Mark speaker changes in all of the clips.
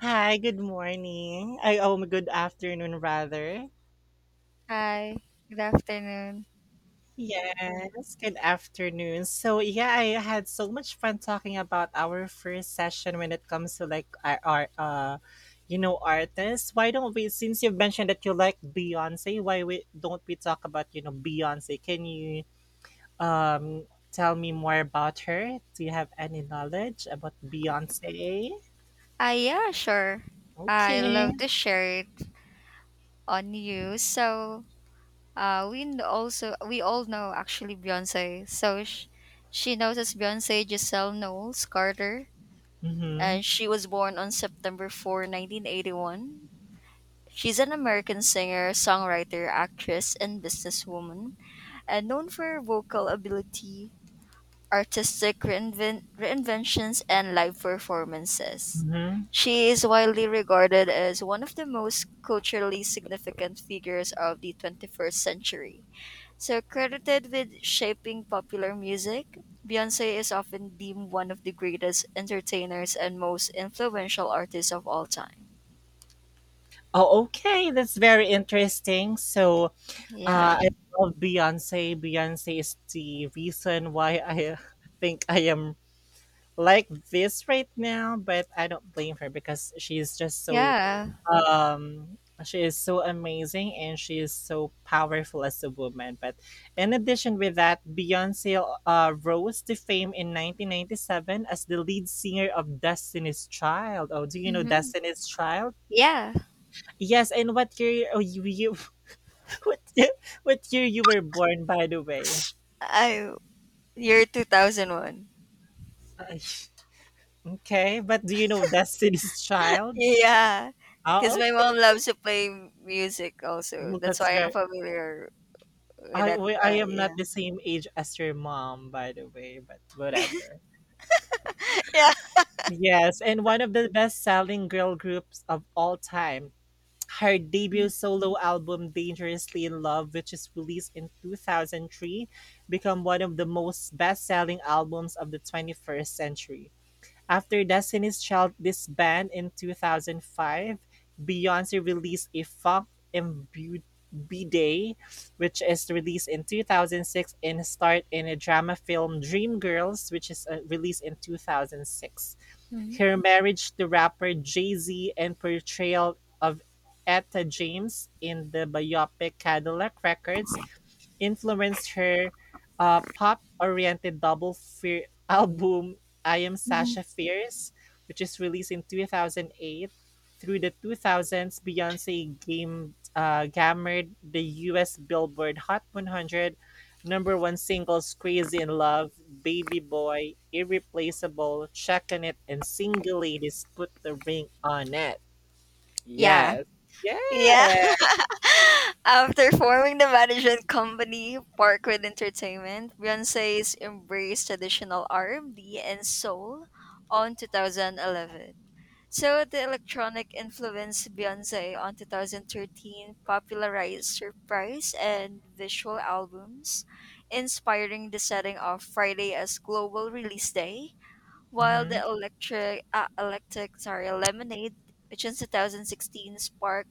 Speaker 1: Hi, good morning. I— oh, good afternoon rather.
Speaker 2: Hi, good afternoon.
Speaker 1: Yes, good afternoon. So yeah, I had so much fun talking about our first session when it comes to like our artists. Why don't we— since you've mentioned that you like Beyonce, why we don't we talk about Beyonce? Can you um tell me more about her? Do you have any knowledge about Beyonce?
Speaker 2: Ah, yeah, sure. I
Speaker 1: Okay.
Speaker 2: love to share it on you. So, also we all know actually Beyonce. So she knows as Beyonce Giselle Knowles Carter,
Speaker 1: Mm-hmm.
Speaker 2: and she was born on September 4, 1981. She's an American singer, songwriter, actress, and businesswoman, and known for her vocal ability artistic reinventions, and live performances.
Speaker 1: Mm-hmm.
Speaker 2: She is widely regarded as one of the most culturally significant figures of the 21st century. So, credited with shaping popular music, Beyonce is often deemed one of the greatest entertainers and most influential artists of all time.
Speaker 1: Oh, okay. That's very interesting.
Speaker 2: Yeah.
Speaker 1: I love Beyonce. Beyonce is the reason why I think I am like this right now, but I don't blame her because she is just so
Speaker 2: Yeah.
Speaker 1: um she is so amazing and she is so powerful as a woman. But in addition with that, Beyonce rose to fame in 1997 as the lead singer of Destiny's Child. Oh, do you know
Speaker 2: Hmm.
Speaker 1: Destiny's Child?
Speaker 2: Yeah.
Speaker 1: Yes, and what year— oh, you what what year you were born, by the way?
Speaker 2: I, Year 2001.
Speaker 1: Ay, okay, but do you know Destiny's Child?
Speaker 2: Yeah,
Speaker 1: Oh,
Speaker 2: because my mom
Speaker 1: okay.
Speaker 2: loves to play music also.
Speaker 1: Well,
Speaker 2: That's
Speaker 1: that's
Speaker 2: why I'm
Speaker 1: very—
Speaker 2: familiar with
Speaker 1: I
Speaker 2: that
Speaker 1: I
Speaker 2: guy.
Speaker 1: am
Speaker 2: Yeah.
Speaker 1: not the same age as your mom, by the way, but whatever.
Speaker 2: Yeah.
Speaker 1: Yes, and one of the best-selling girl groups of all time. Her debut solo album Dangerously in Love, which is released in 2003, became one of the most best-selling albums of the 21st century. After Destiny's Child disbanded in 2005, Beyoncé released a funk-imbued B-Day, which is released in 2006, and starred in a drama film Dreamgirls, which is released in 2006.
Speaker 2: Mhm.
Speaker 1: Her marriage to rapper Jay-Z and portrayal of Etta James in the biopic Cadillac Records influenced her pop-oriented double fear album I Am
Speaker 2: Mhm.
Speaker 1: Sasha Fierce, which is released in 2008. Through the 2000s, Beyonce gammered the U.S. Billboard Hot 100 Number one singles Crazy in Love, Baby Boy, Irreplaceable, Checkin' It, and Single Ladies Put the Ring on It.
Speaker 2: Yeah.
Speaker 1: Yes.
Speaker 2: Yeah.
Speaker 1: Yeah.
Speaker 2: After forming the management company, Parkwood Entertainment, Beyonce's embraced traditional R&B and B and soul on 2011. So the electronic influence Beyonce on 2013 popularized surprise and visual albums, inspiring the setting of Friday as global release day, while the
Speaker 1: Hmm.
Speaker 2: Lemonade, which in 2016 sparked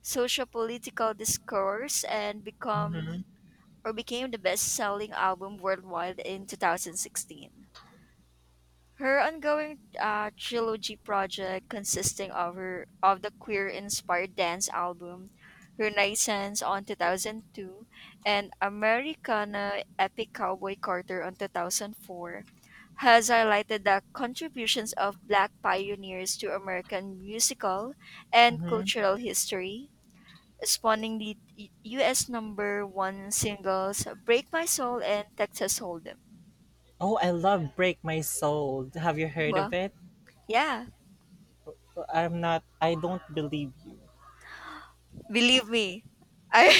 Speaker 2: social political discourse and become
Speaker 1: Hmm.
Speaker 2: or became the best-selling album worldwide in 2016. Her ongoing trilogy project, consisting of the queer-inspired dance album Renaissance on 2002 and Americana Epic Cowboy Carter on 2004, has highlighted the contributions of Black pioneers to American musical and
Speaker 1: Hmm.
Speaker 2: cultural history, spawning the U.S. number one singles "Break My Soul" and "Texas Hold'em."
Speaker 1: Oh, I love Break My Soul. Have you heard of
Speaker 2: Well,
Speaker 1: it?
Speaker 2: yeah.
Speaker 1: I don't believe you.
Speaker 2: Believe me. I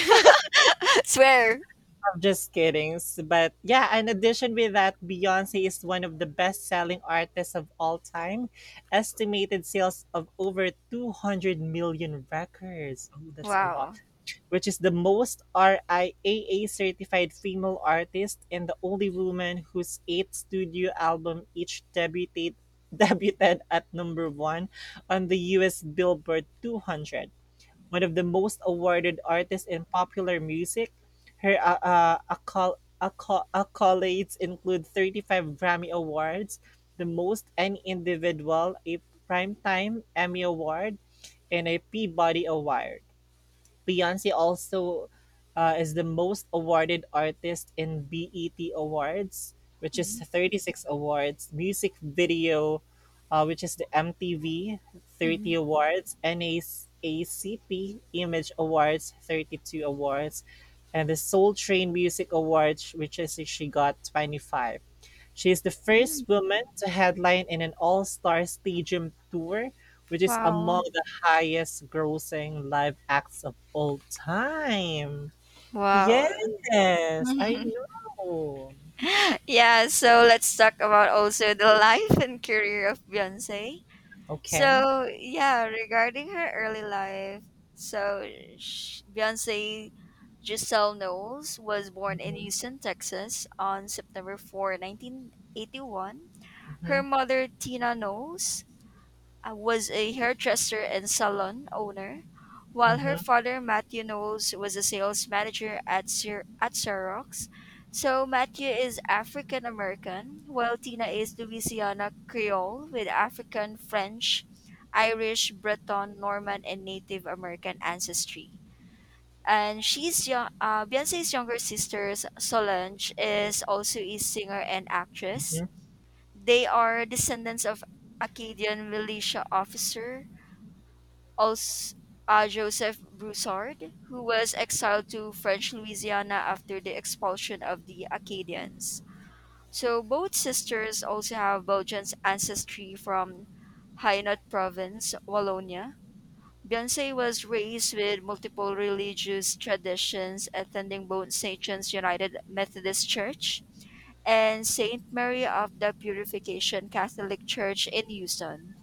Speaker 2: swear.
Speaker 1: I'm just kidding. S- But yeah, in addition with that, Beyonce is one of the best selling artists of all time. Estimated sales of over 200 million records. Oh, that's a lot.
Speaker 2: Wow.
Speaker 1: Which is the most RIAA-certified female artist and the only woman whose eight studio album each debuted debuted at number one on the US Billboard 200. One of the most awarded artists in popular music, her accolades include 35 Grammy Awards, the most any individual, a Primetime Emmy Award, and a Peabody Award. Beyonce also is the most awarded artist in BET Awards, which is
Speaker 2: Mhm,
Speaker 1: 36 awards, music video, which is the MTV 30
Speaker 2: mhm,
Speaker 1: awards, NAACP Image Awards 32 awards, and the Soul Train Music Awards, which is she got 25. She is the
Speaker 2: mhm.
Speaker 1: first woman to headline in an all-star stadium tour, which is
Speaker 2: Wow.
Speaker 1: among the highest grossing live acts of all time.
Speaker 2: Wow.
Speaker 1: Yes, I know.
Speaker 2: Yeah, so let's talk about also the life and career of Beyonce.
Speaker 1: Okay.
Speaker 2: So, yeah, regarding her early life, so Beyonce Giselle Knowles was born in
Speaker 1: Hmm.
Speaker 2: Houston, Texas on September 4, 1981. Her mother, Tina Knowles, was a hairdresser and salon owner, while
Speaker 1: Hmm.
Speaker 2: her father, Matthew Knowles, was a sales manager at Xerox. So Matthew is African American, while Tina is Louisiana Creole with African, French, Irish, Breton, Norman, and Native American ancestry. And Beyonce's younger sister, Solange, is also a singer and actress.
Speaker 1: Hmm.
Speaker 2: They are descendants of Acadian militia officer also Joseph Broussard, who was exiled to French Louisiana after the expulsion of the Acadians. So both sisters also have Belgian ancestry from Hainaut province, Wallonia. Beyonce was raised with multiple religious traditions, attending both St. John's United Methodist Church and St. Mary of the Purification Catholic Church in Houston.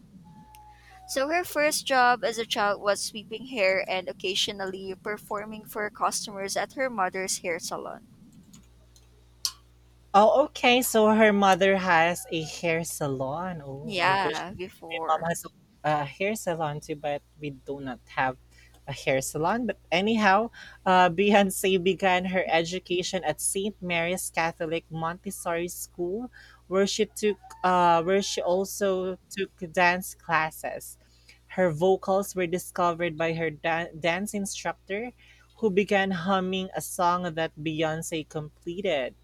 Speaker 2: So her first job as a child was sweeping hair and occasionally performing for customers at her mother's hair salon.
Speaker 1: Oh, okay. So her mother has a hair salon. Oh, I wish
Speaker 2: Yeah,
Speaker 1: my mom
Speaker 2: before.
Speaker 1: has a hair salon too, but we do not have a hair salon. But anyhow, Beyonce began her education at St. Mary's Catholic Montessori School, where she took, where she also took dance classes. Her vocals were discovered by her dance instructor, who began humming a song that Beyonce completed.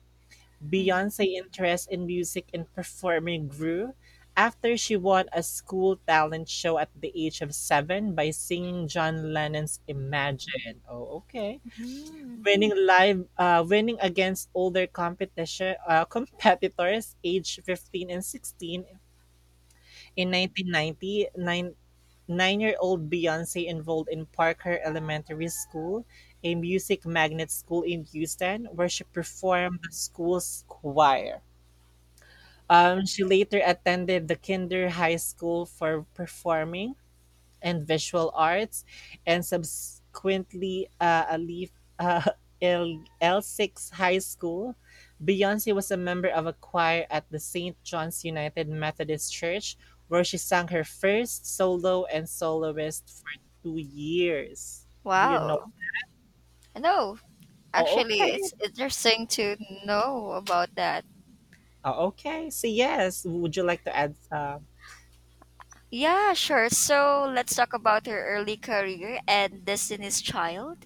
Speaker 2: Hmm.
Speaker 1: Beyonce's interest in music and performing grew after she won a school talent show at the age of seven by singing John Lennon's "Imagine." Oh, okay. Winning against older competition competitors aged 15 and 16 in 1990. Nine-year-old Beyonce enrolled in Parker Elementary School, a music magnet school in Houston, where she performed the school's choir. She later attended the Kinder High School for Performing and Visual Arts, and subsequently Alif uh, L L6 High School. Beyonce was a member of a choir at the St. John's United Methodist Church, where she sang her first solo and soloist for 2 years. Do you know?
Speaker 2: Wow. I know.
Speaker 1: Oh,
Speaker 2: Actually,
Speaker 1: okay.
Speaker 2: it's interesting to know about that.
Speaker 1: Oh, okay. So yes, would you like to add?
Speaker 2: Yeah, sure. So let's talk about her early career and Destiny's Child.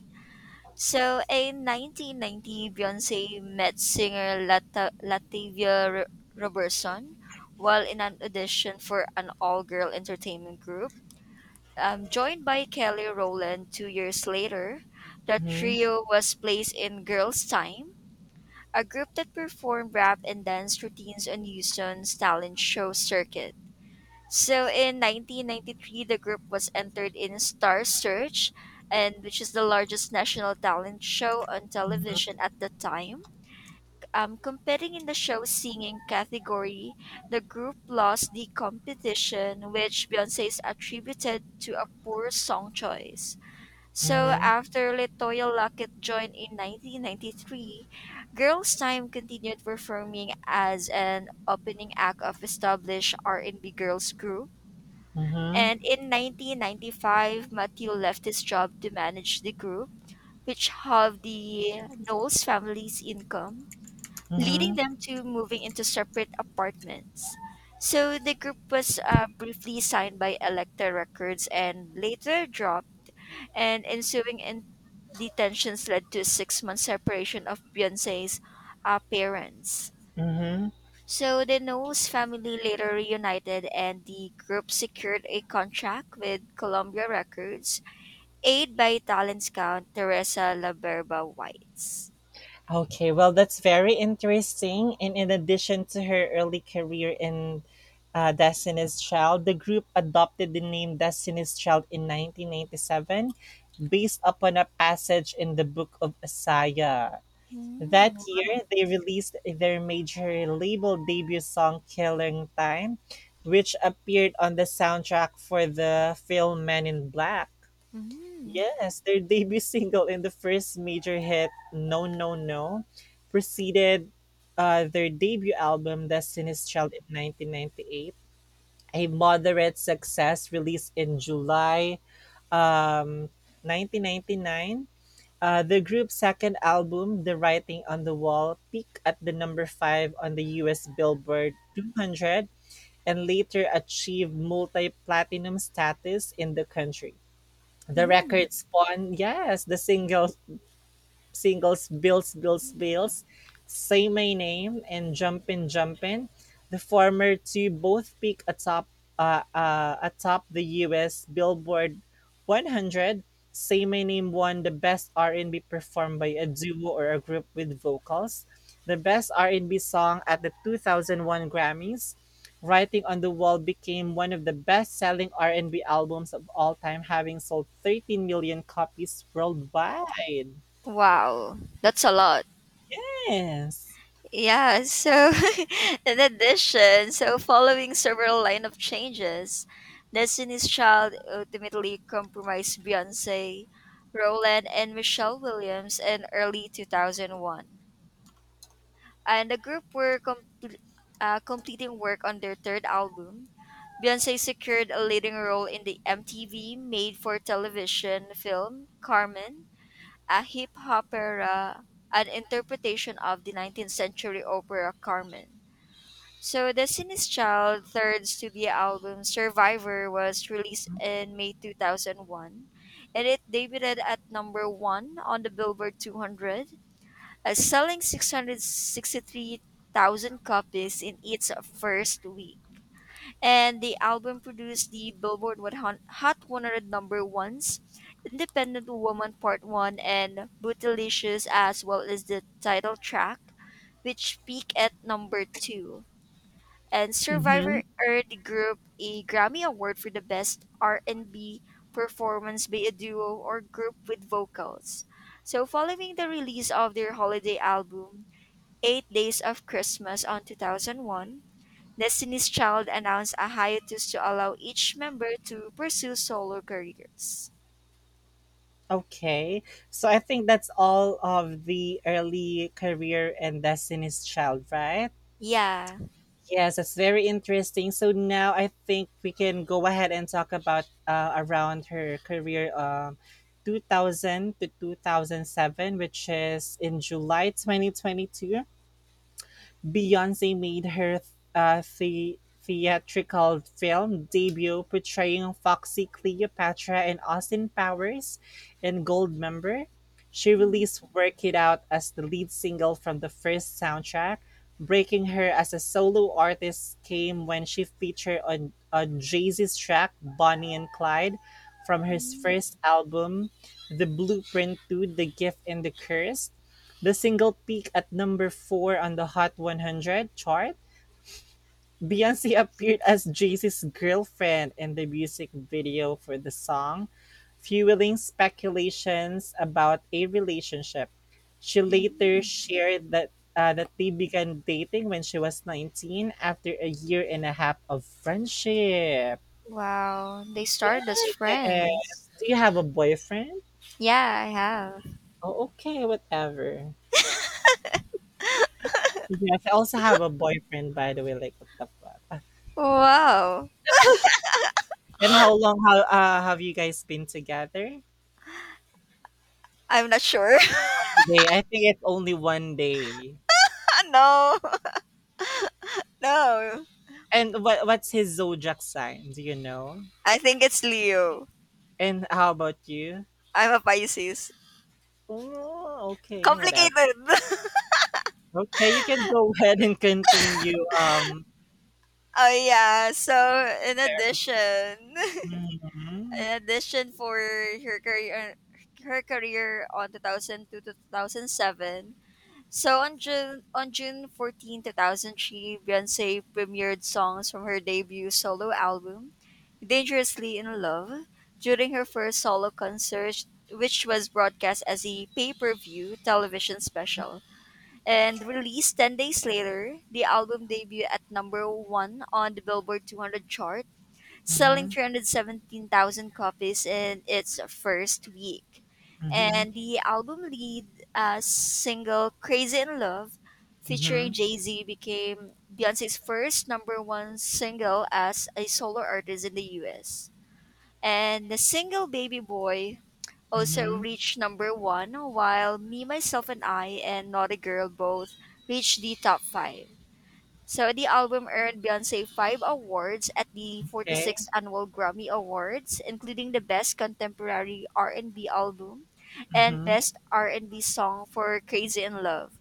Speaker 2: So, in 1990, Beyonce met singer Latavia Robertson while in an audition for an all girl entertainment group. Joined by Kelly Rowland 2 years later, the
Speaker 1: Mm-hmm,
Speaker 2: trio was placed in Girls' Time, a group that performed rap and dance routines on Houston's talent show circuit. So in 1993, the group was entered in Star Search, and which is the largest national talent show on television at the time. Competing in the show singing category, the group lost the competition, which Beyonce is attributed to a poor song choice. So
Speaker 1: mm-hmm,
Speaker 2: after Latoya Luckett joined in 1993, Girls' Time continued performing as an opening act of established R&B girls group, and
Speaker 1: mm-hmm,
Speaker 2: in 1995, Matthew left his job to manage the group, which halved the Knowles family's income, leading
Speaker 1: mm-hmm,
Speaker 2: them to moving into separate apartments. So the group was briefly signed by Elektra Records and later dropped, and ensuing the tensions led to a 6 month separation of Beyonce's parents.
Speaker 1: mm-hmm.
Speaker 2: So the Knowles family later reunited and the group secured a contract with Columbia Records, aided by talent scout Teresa Laberba Whites.
Speaker 1: Okay, well, that's very interesting. And in addition to her early career in Destiny's Child, the group adopted the name Destiny's Child in 1997 based upon a passage in the Book of Isaiah. That
Speaker 2: Mm,
Speaker 1: year, they released their major label debut song, Killing Time, which appeared on the soundtrack for the film Men in Black.
Speaker 2: mm,
Speaker 1: Yes, their debut single and the first major hit, No No No, preceded their debut album, Destiny's Child, in 1998, a moderate success released in July um, 1999. The group's second album, The Writing on the Wall, peaked at the number 5 on the US Billboard 200 and later achieved multi platinum status in the country. The
Speaker 2: mm.
Speaker 1: record spawned yes, the single singles Bills, Bills, Bills, Say My Name, and Jumpin' Jumpin'. The former two both atop the US Billboard 100. Say My Name won the Best R&B performed by a duo or a group with vocals, the Best R&B song at the 2001 Grammys. Writing on the Wall became one of the best-selling R&B albums of all time, having sold 13 million copies worldwide.
Speaker 2: Wow, that's a lot.
Speaker 1: Yes.
Speaker 2: Yeah, so in addition, so following several line of changes, Destiny's Child ultimately compromised Beyonce, Roland, and Michelle Williams in early 2001, and the group were completing work on their third album. Beyonce secured a leading role in the MTV made for television film Carmen, a hip hop opera, an interpretation of the 19th century opera Carmen. So, the Sinise Child third studio album Survivor was released in May 2001, and it debuted at number one on the Billboard 200, selling 663,000 copies in its first week. And the album produced the Billboard 100 Hot 100 number ones, Independent Woman Part 1, and Bootylicious, as well as the title track, which peaked at number 2. And
Speaker 1: Mm-hmm.
Speaker 2: Survivor earned the group a Grammy Award for the Best R&B Performance by a Duo or Group with Vocals. So, following the release of their holiday album, Eight Days of Christmas on 2001, Destiny's Child announced a hiatus to allow each member to pursue solo careers.
Speaker 1: Okay. So I think that's all of the early career and Destiny's Child, right?
Speaker 2: Yeah.
Speaker 1: Yes, that's very interesting. So now I think we can go ahead and talk about around her career 2000 to 2007, which is in July 2022. Beyonce made her theatrical film debut portraying Foxy Cleopatra in Austin Powers and Goldmember. She released Work It Out as the lead single from the first soundtrack. Breaking her as a solo artist came when she featured on Jay-Z's track Bonnie and Clyde from her first album, The Blueprint to The Gift and the Curse. The single peaked at number four on the Hot 100 chart. Beyonce appeared as Jay-Z's girlfriend in the music video for the song, fueling speculations about a relationship. She later shared that they began dating when she was 19 after a year and a half of friendship.
Speaker 2: Wow. They started as friends.
Speaker 1: Yes. Do you have a boyfriend?
Speaker 2: Yeah, I have.
Speaker 1: Oh, okay, whatever. Yes, I also have a boyfriend, by the way, like what the fuck.
Speaker 2: Wow.
Speaker 1: And how long how have you guys been together?
Speaker 2: I'm not sure.
Speaker 1: Day. I think it's only 1 day.
Speaker 2: No. No.
Speaker 1: And what's his zodiac sign? Do you know?
Speaker 2: I think it's Leo.
Speaker 1: And how about you?
Speaker 2: I'm a Pisces.
Speaker 1: Oh, okay, whatever.
Speaker 2: Complicated.
Speaker 1: Okay, you can go ahead and continue
Speaker 2: Oh yeah. So in
Speaker 1: sharing.
Speaker 2: addition. In
Speaker 1: Mhm,
Speaker 2: addition for her career on 2002 to 2007. So on June 14, 2003, Beyoncé premiered songs from her debut solo album, Dangerously in Love, during her first solo concert, which was broadcast as a pay-per-view television special and released 10 days later. The album debuted at number 1 on the Billboard 200 chart, selling
Speaker 1: mhm,
Speaker 2: 317,000 copies in its first week.
Speaker 1: mhm,
Speaker 2: And the album lead single Crazy in Love
Speaker 1: mhm,
Speaker 2: featuring Jay-Z became Beyonce's first number 1 single as a solo artist in the US. And the single Baby Boy also
Speaker 1: mhm.
Speaker 2: reached number 1, while Me Myself and I and Not a Girl both reached the top 5. So the album earned Beyonce five awards at the
Speaker 1: Okay.
Speaker 2: 46th Annual Grammy Awards, including the Best Contemporary R&B Album and
Speaker 1: Mhm.
Speaker 2: Best R&B Song for Crazy in Love.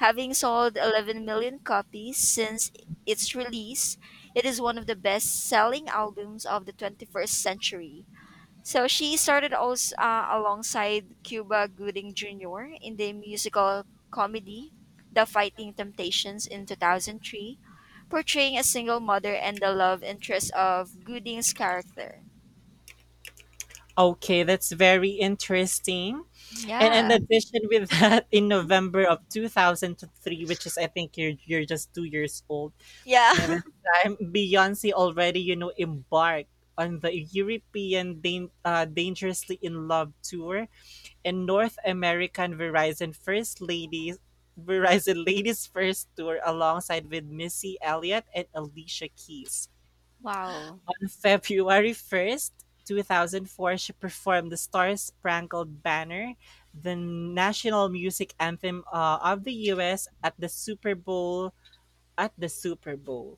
Speaker 2: Having sold 11 million copies since its release, it is one of the best-selling albums of the 21st century. So she started also alongside Cuba Gooding Jr. in the musical comedy The Fighting Temptations in 2003, portraying a single mother and the love interest of Gooding's character.
Speaker 1: Okay, that's very interesting. And
Speaker 2: Yeah.
Speaker 1: in addition with that, in November of 2003, which is I think you're just 2 years old.
Speaker 2: Yeah.
Speaker 1: By this time, Beyonce already, you know, embarked on the European Dangerously in Love tour and North American Verizon First Ladies Verizon Ladies First tour alongside with Missy Elliott and Alicia Keys.
Speaker 2: Wow.
Speaker 1: On February 1st, 2004, she performed the Star Spangled Banner, the national music anthem of the US at the Super Bowl.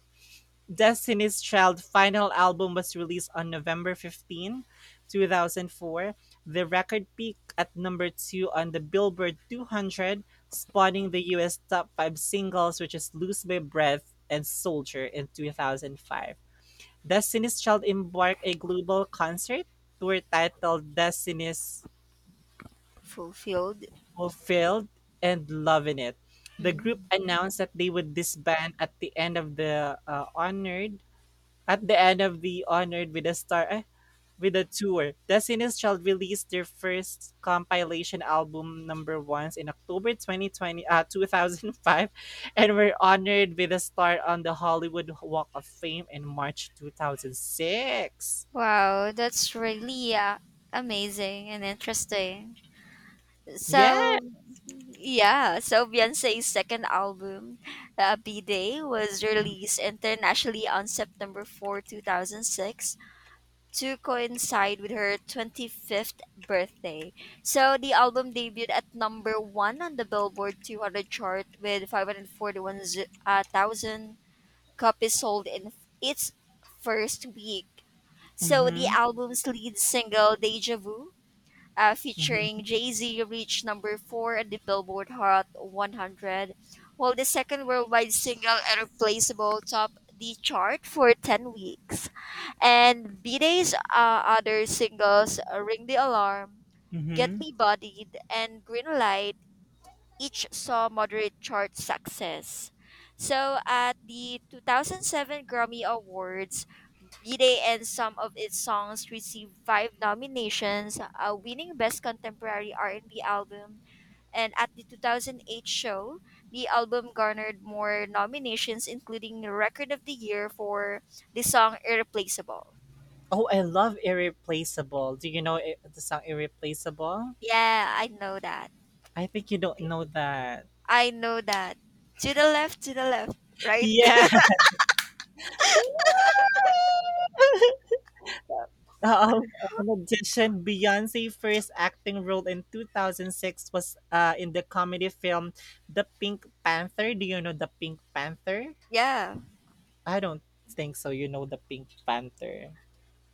Speaker 1: Destiny's Child final album was released on November 15, 2004. The record peaked at number 2 on the Billboard 200, spawning the US top 5 singles which is Lose My Breath and Soldier in 2005. Destiny's Child embarked a global concert tour titled Destiny's
Speaker 2: Fulfilled.
Speaker 1: Fulfilled and Lovin' It. The group
Speaker 2: Mm.
Speaker 1: announced that they would disband at the end of the Honored with a tour. The Sinus Child released their first compilation album number ones in October 2020 uh, 2005 and were honored with a star on the Hollywood Walk of Fame in March 2006.
Speaker 2: Wow, that's really amazing and interesting.
Speaker 1: Yeah.
Speaker 2: So, yeah, so Beyonce's second album, B Day, was released internationally on September 4, 2006, to coincide with her 25th birthday. So the album debuted at number one on the Billboard 200 chart with 541,000 copies sold in its first week. So the
Speaker 1: Mm-hmm.
Speaker 2: album's lead single, Deja Vu,
Speaker 1: Mm-hmm.
Speaker 2: featuring Jay Z, reached number four at the Billboard Hot 100, while the second worldwide single, Irreplaceable, topped the chart for 10 weeks. And B Day's other singles, Ring the Alarm, Get
Speaker 1: Mm-hmm.
Speaker 2: Me Bodied, and Green Light, each saw moderate chart success. So at the 2007 Grammy Awards, B-Day and some of its songs received five nominations, winning Best Contemporary R&B Album. And at the 2008 show, the album garnered more nominations, including the Record of the Year for the song Irreplaceable.
Speaker 1: Oh, I love Irreplaceable. Do you know the song Irreplaceable?
Speaker 2: Yeah, I know that.
Speaker 1: I think you don't know that.
Speaker 2: I know that. To the left, right?
Speaker 1: Yeah. Um, in addition, Beyonce's first acting role in 2006 was in the comedy film The Pink Panther. Do you know The Pink Panther?
Speaker 2: Yeah,
Speaker 1: I don't think so. You know The Pink Panther.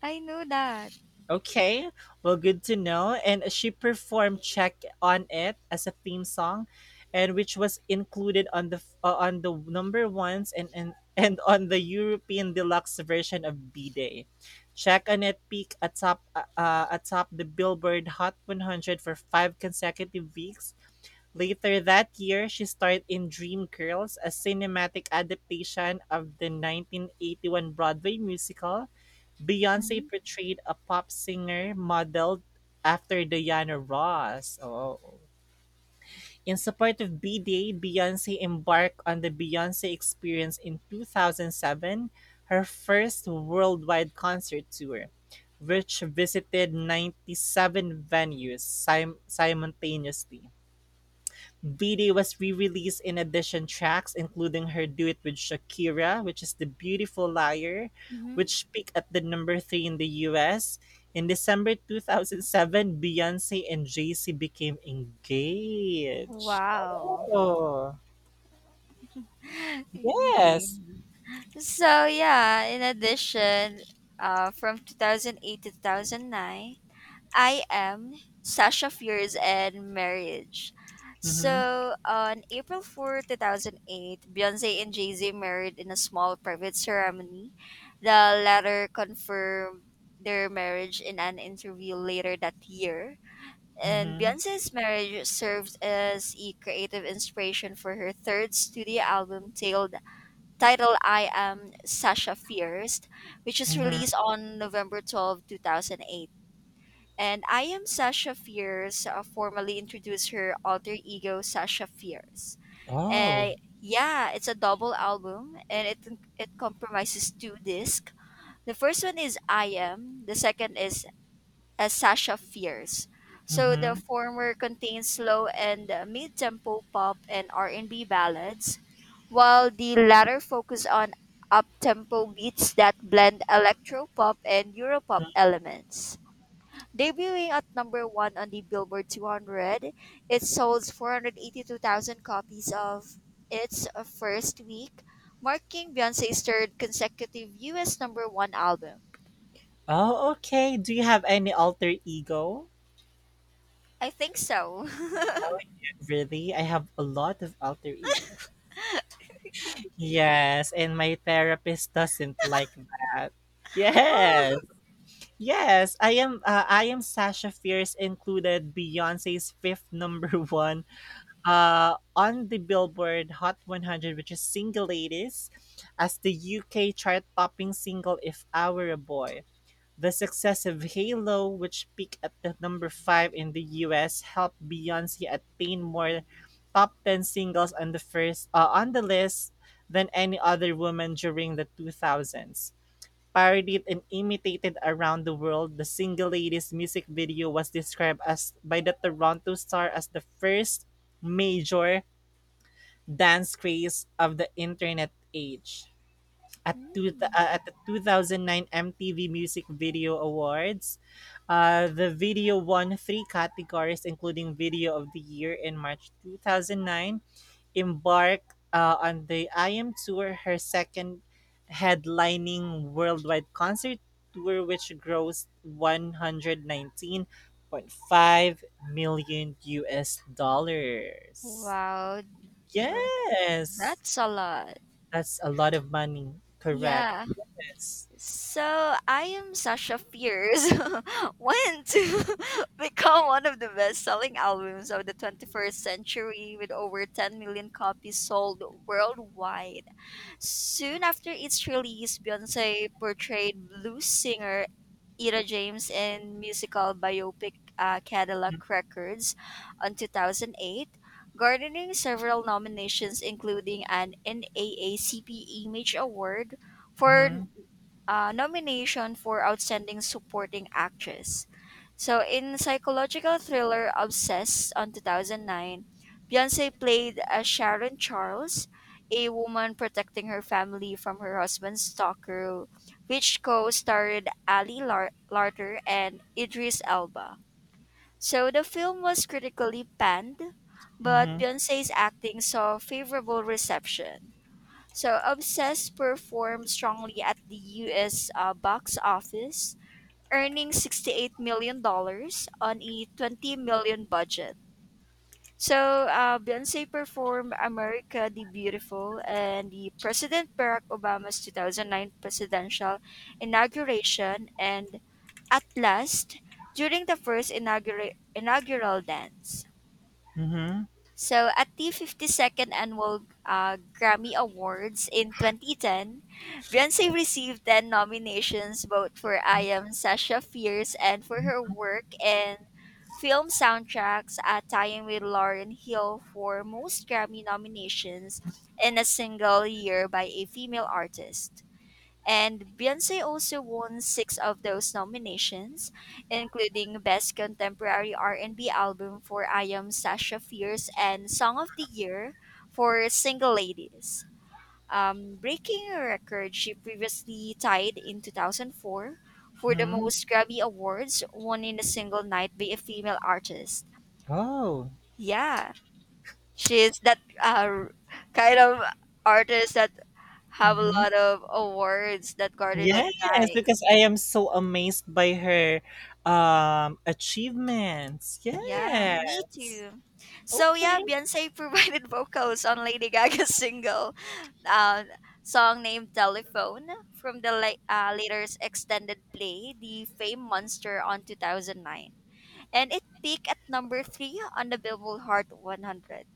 Speaker 2: I know that.
Speaker 1: Okay, well, good to know. And she performed "Check on It" as a theme song, and which was included on on the number ones and and on the European deluxe version of B Day. "Check on It" peaked atop atop the Billboard Hot 100 for five consecutive weeks. Later that year, she starred in "Dreamgirls," a cinematic adaptation of the 1981 Broadway musical. Beyonce
Speaker 2: Hmm.
Speaker 1: portrayed a pop singer modeled after Diana Ross. Oh. In support of B-Day, Beyonce embarked on the Beyonce Experience in 2007, her first worldwide concert tour, which visited 97 venues simultaneously. Vide was re-released in addition tracks including her duet with Shakira, which is "The Beautiful Liar,"
Speaker 2: Hmm.
Speaker 1: which peaked at the number 3 in the US. In December 2007, Beyoncé and Jay-Z became engaged.
Speaker 2: Wow.
Speaker 1: Oh, yes.
Speaker 2: So yeah, in addition, from 2008 to 2009, I am Sasha Fierce and Marriage.
Speaker 1: Mhm.
Speaker 2: So on April 4, 2008, Beyonce and Jay-Z married in a small private ceremony. The latter confirmed their marriage in an interview later that year. And
Speaker 1: Mhm.
Speaker 2: Beyonce's marriage serves as a creative inspiration for her third studio album, Tailed titled I Am Sasha Fierce, which is
Speaker 1: Mhm.
Speaker 2: released on November 12, 2008. And I Am Sasha Fierce formally introduced her alter ego, Sasha Fierce.
Speaker 1: Oh.
Speaker 2: And yeah, it's a double album, and it comprises two discs. The first one is I Am, the second is as Sasha Fierce. So the
Speaker 1: Mhm.
Speaker 2: former contains slow and mid-tempo pop and R&B ballads, while the latter focus on up-tempo beats that blend electropop and europop
Speaker 1: Mhm.
Speaker 2: elements. Debuting at number 1 on the Billboard 200, it sold 482,000 copies of its first week, marking Beyonce's third consecutive US number 1 album.
Speaker 1: Oh, okay. Do you have any alter ego?
Speaker 2: I think so.
Speaker 1: Oh, really? I have a lot of alter ego. Yes, and my therapist doesn't like that.
Speaker 2: Oh.
Speaker 1: Yes. I am Sasha Fierce included Beyonce's fifth number one on the Billboard Hot 100, which is Single Ladies, as the UK chart topping single If I Were a Boy. The success of "Halo", which peaked at the number five in the U.S., helped Beyoncé attain more top-ten singles on the list than any other woman during the 2000s. Parodied and imitated around the world, the single "Ladies" music video was described as by the Toronto Star as the first major dance craze of the internet age at two,
Speaker 2: Mm.
Speaker 1: at the 2009 MTV Music Video Awards. The video won three categories, including Video of the Year in March 2009. Embark On the I Am Tour, her second headlining worldwide concert tour, which grossed 119.5 million US dollars.
Speaker 2: Wow, uh,
Speaker 1: Yes,
Speaker 2: that's a lot.
Speaker 1: that's a lot of money. Correct.
Speaker 2: Yeah.
Speaker 1: Yes.
Speaker 2: So I am Sasha Fierce went to become one of the best-selling albums of the 21st century, with over 10 million copies sold worldwide. Soon after its release, Beyonce portrayed blues singer Ira James in musical biopic Cadillac Records on 2008, garnering several nominations, including an NAACP Image Award for
Speaker 1: Mm-hmm.
Speaker 2: nomination for Outstanding Supporting Actress. So in psychological thriller Obsessed on 2009, Beyonce played as Sharon Charles, a woman protecting her family from her husband's stalker, which co-starred Ali Larter and Idris Elba. So the film was critically panned, but
Speaker 1: Mm-hmm.
Speaker 2: Beyonce's acting saw favorable reception. So Obsessed performed strongly at the US box office, earning $68 million dollars on a $20 million budget. So Beyonce performed America the Beautiful and the President Barack Obama's 2009 presidential inauguration and At Last during the first inaugural dance.
Speaker 1: Mm-hmm.
Speaker 2: So at the 52nd annual Grammy Awards in 2010, Beyonce received 10 nominations both for I Am Sasha Fierce and for her work in film soundtracks, tying with Lauren Hill for most Grammy nominations in a single year by a female artist. And Beyonce also won six of those nominations, including Best Contemporary R&B Album for I Am Sasha Fierce and Song of the Year for Single Ladies. Breaking a record she previously tied in 2004 for the
Speaker 1: Mm-hmm.
Speaker 2: most Grammy Awards won in a single night by a female artist.
Speaker 1: Oh.
Speaker 2: Yeah, she's that kind of artist that have a
Speaker 1: Mm-hmm.
Speaker 2: lot of awards that garnered that
Speaker 1: Yes,
Speaker 2: night.
Speaker 1: because I am so amazed by her achievements.
Speaker 2: Yeah, me
Speaker 1: Yes.
Speaker 2: too. So yeah,
Speaker 1: Okay.
Speaker 2: Beyonce provided vocals on Lady Gaga's uh, song named "Telephone" from the later's extended play, "The Fame Monster," on 2009, and it peaked at number three on the Billboard Hot 100.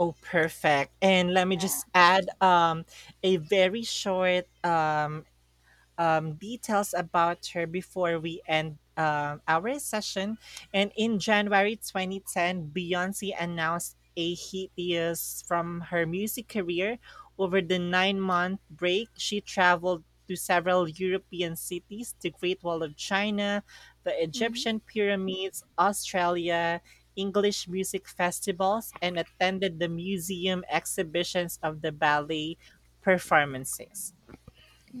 Speaker 1: Oh, perfect. And let me
Speaker 2: Yeah.
Speaker 1: just add a very short details about her before we end our session. And in January 2010, Beyonce announced a hiatus from her music career. Over the 9 month break, she traveled to several European cities, the Great Wall of China, the
Speaker 2: Mm-hmm.
Speaker 1: Egyptian pyramids, Australia, English music festivals, and attended the museum exhibitions of the ballet performances.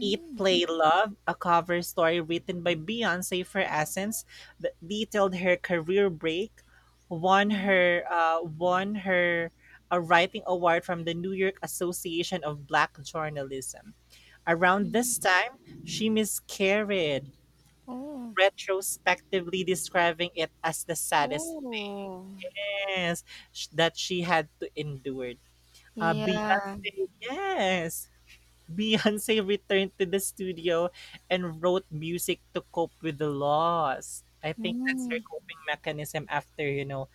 Speaker 1: Eat, Play, Love, a cover story written by Beyonce for Essence that detailed her career break, won
Speaker 2: Mm.
Speaker 1: her uh, won her a writing award from the New York Association of Black Journalism. Around
Speaker 2: Mm.
Speaker 1: this time, she miscarried,
Speaker 2: Oh.
Speaker 1: retrospectively describing it as the saddest
Speaker 2: Oh.
Speaker 1: thing that she had to endure.
Speaker 2: Yeah.
Speaker 1: Beyonce, yes. Beyonce returned to the studio and wrote music to cope with the loss. I think that's her
Speaker 2: Mm.
Speaker 1: coping mechanism after, you know,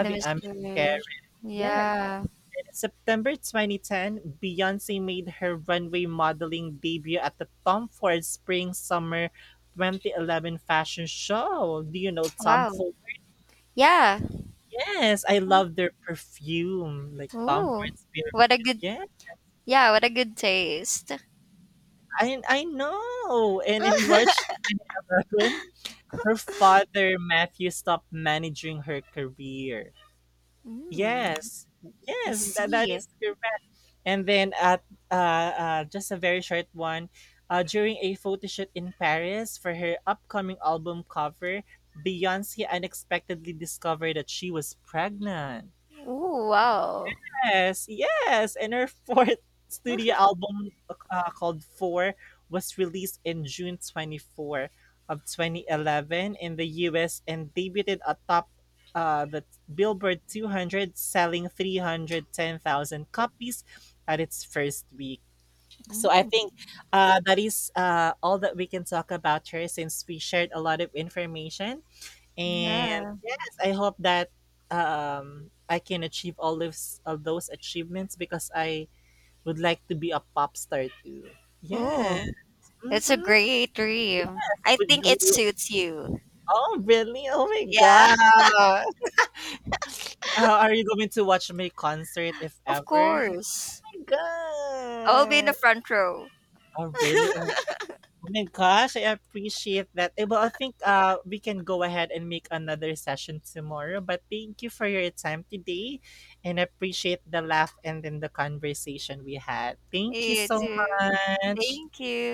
Speaker 2: The
Speaker 1: a
Speaker 2: miscarriage.
Speaker 1: miscarriage. Yeah,
Speaker 2: Yeah.
Speaker 1: in September 2010, Beyonce made her runway modeling debut at the Tom Ford Spring Summer 2011 fashion show. Do you know Tom
Speaker 2: Wow.
Speaker 1: Ford?
Speaker 2: Yeah.
Speaker 1: Yes, I love their perfume, like Tom
Speaker 2: Oh,
Speaker 1: Ford's
Speaker 2: what a
Speaker 1: perfume.
Speaker 2: good,
Speaker 1: Yeah,
Speaker 2: yeah, what a good taste.
Speaker 1: I know. And in March 2011, her father, Matthew, stopped managing her career.
Speaker 2: Mm.
Speaker 1: Yes.
Speaker 2: I
Speaker 1: Yes, that
Speaker 2: see.
Speaker 1: is correct. And then at just a very short one, during a photo shoot in Paris for her upcoming album cover, Beyonce unexpectedly discovered that she was pregnant.
Speaker 2: Oh, wow.
Speaker 1: Yes, yes. And her fourth studio album called Four was released in June 24 of 2011 in the US and debuted atop the Billboard 200, selling 310,000 copies at its first week. So I
Speaker 2: Mm,
Speaker 1: think that is all that we can talk about her since we shared a lot of information. And
Speaker 2: yeah.
Speaker 1: yes, I hope that I can achieve all those of those achievements because I would like to be a pop star too. Yeah.
Speaker 2: Oh, that's a
Speaker 1: Mm-hmm.
Speaker 2: great dream. I
Speaker 1: Would
Speaker 2: think it
Speaker 1: you,
Speaker 2: suits you.
Speaker 1: oh, really? Oh my
Speaker 2: Yeah,
Speaker 1: God. Are you going to watch my concert if
Speaker 2: of
Speaker 1: ever?
Speaker 2: course.
Speaker 1: Oh my
Speaker 2: I will be in the
Speaker 1: God.
Speaker 2: front row.
Speaker 1: Oh, really? Oh oh my gosh, I appreciate that. Eh, well, I think we can go ahead and make another session tomorrow. But thank you for your time today and appreciate the laugh and then the conversation we had. Thank you
Speaker 2: You
Speaker 1: so
Speaker 2: too.
Speaker 1: much.
Speaker 2: Thank you.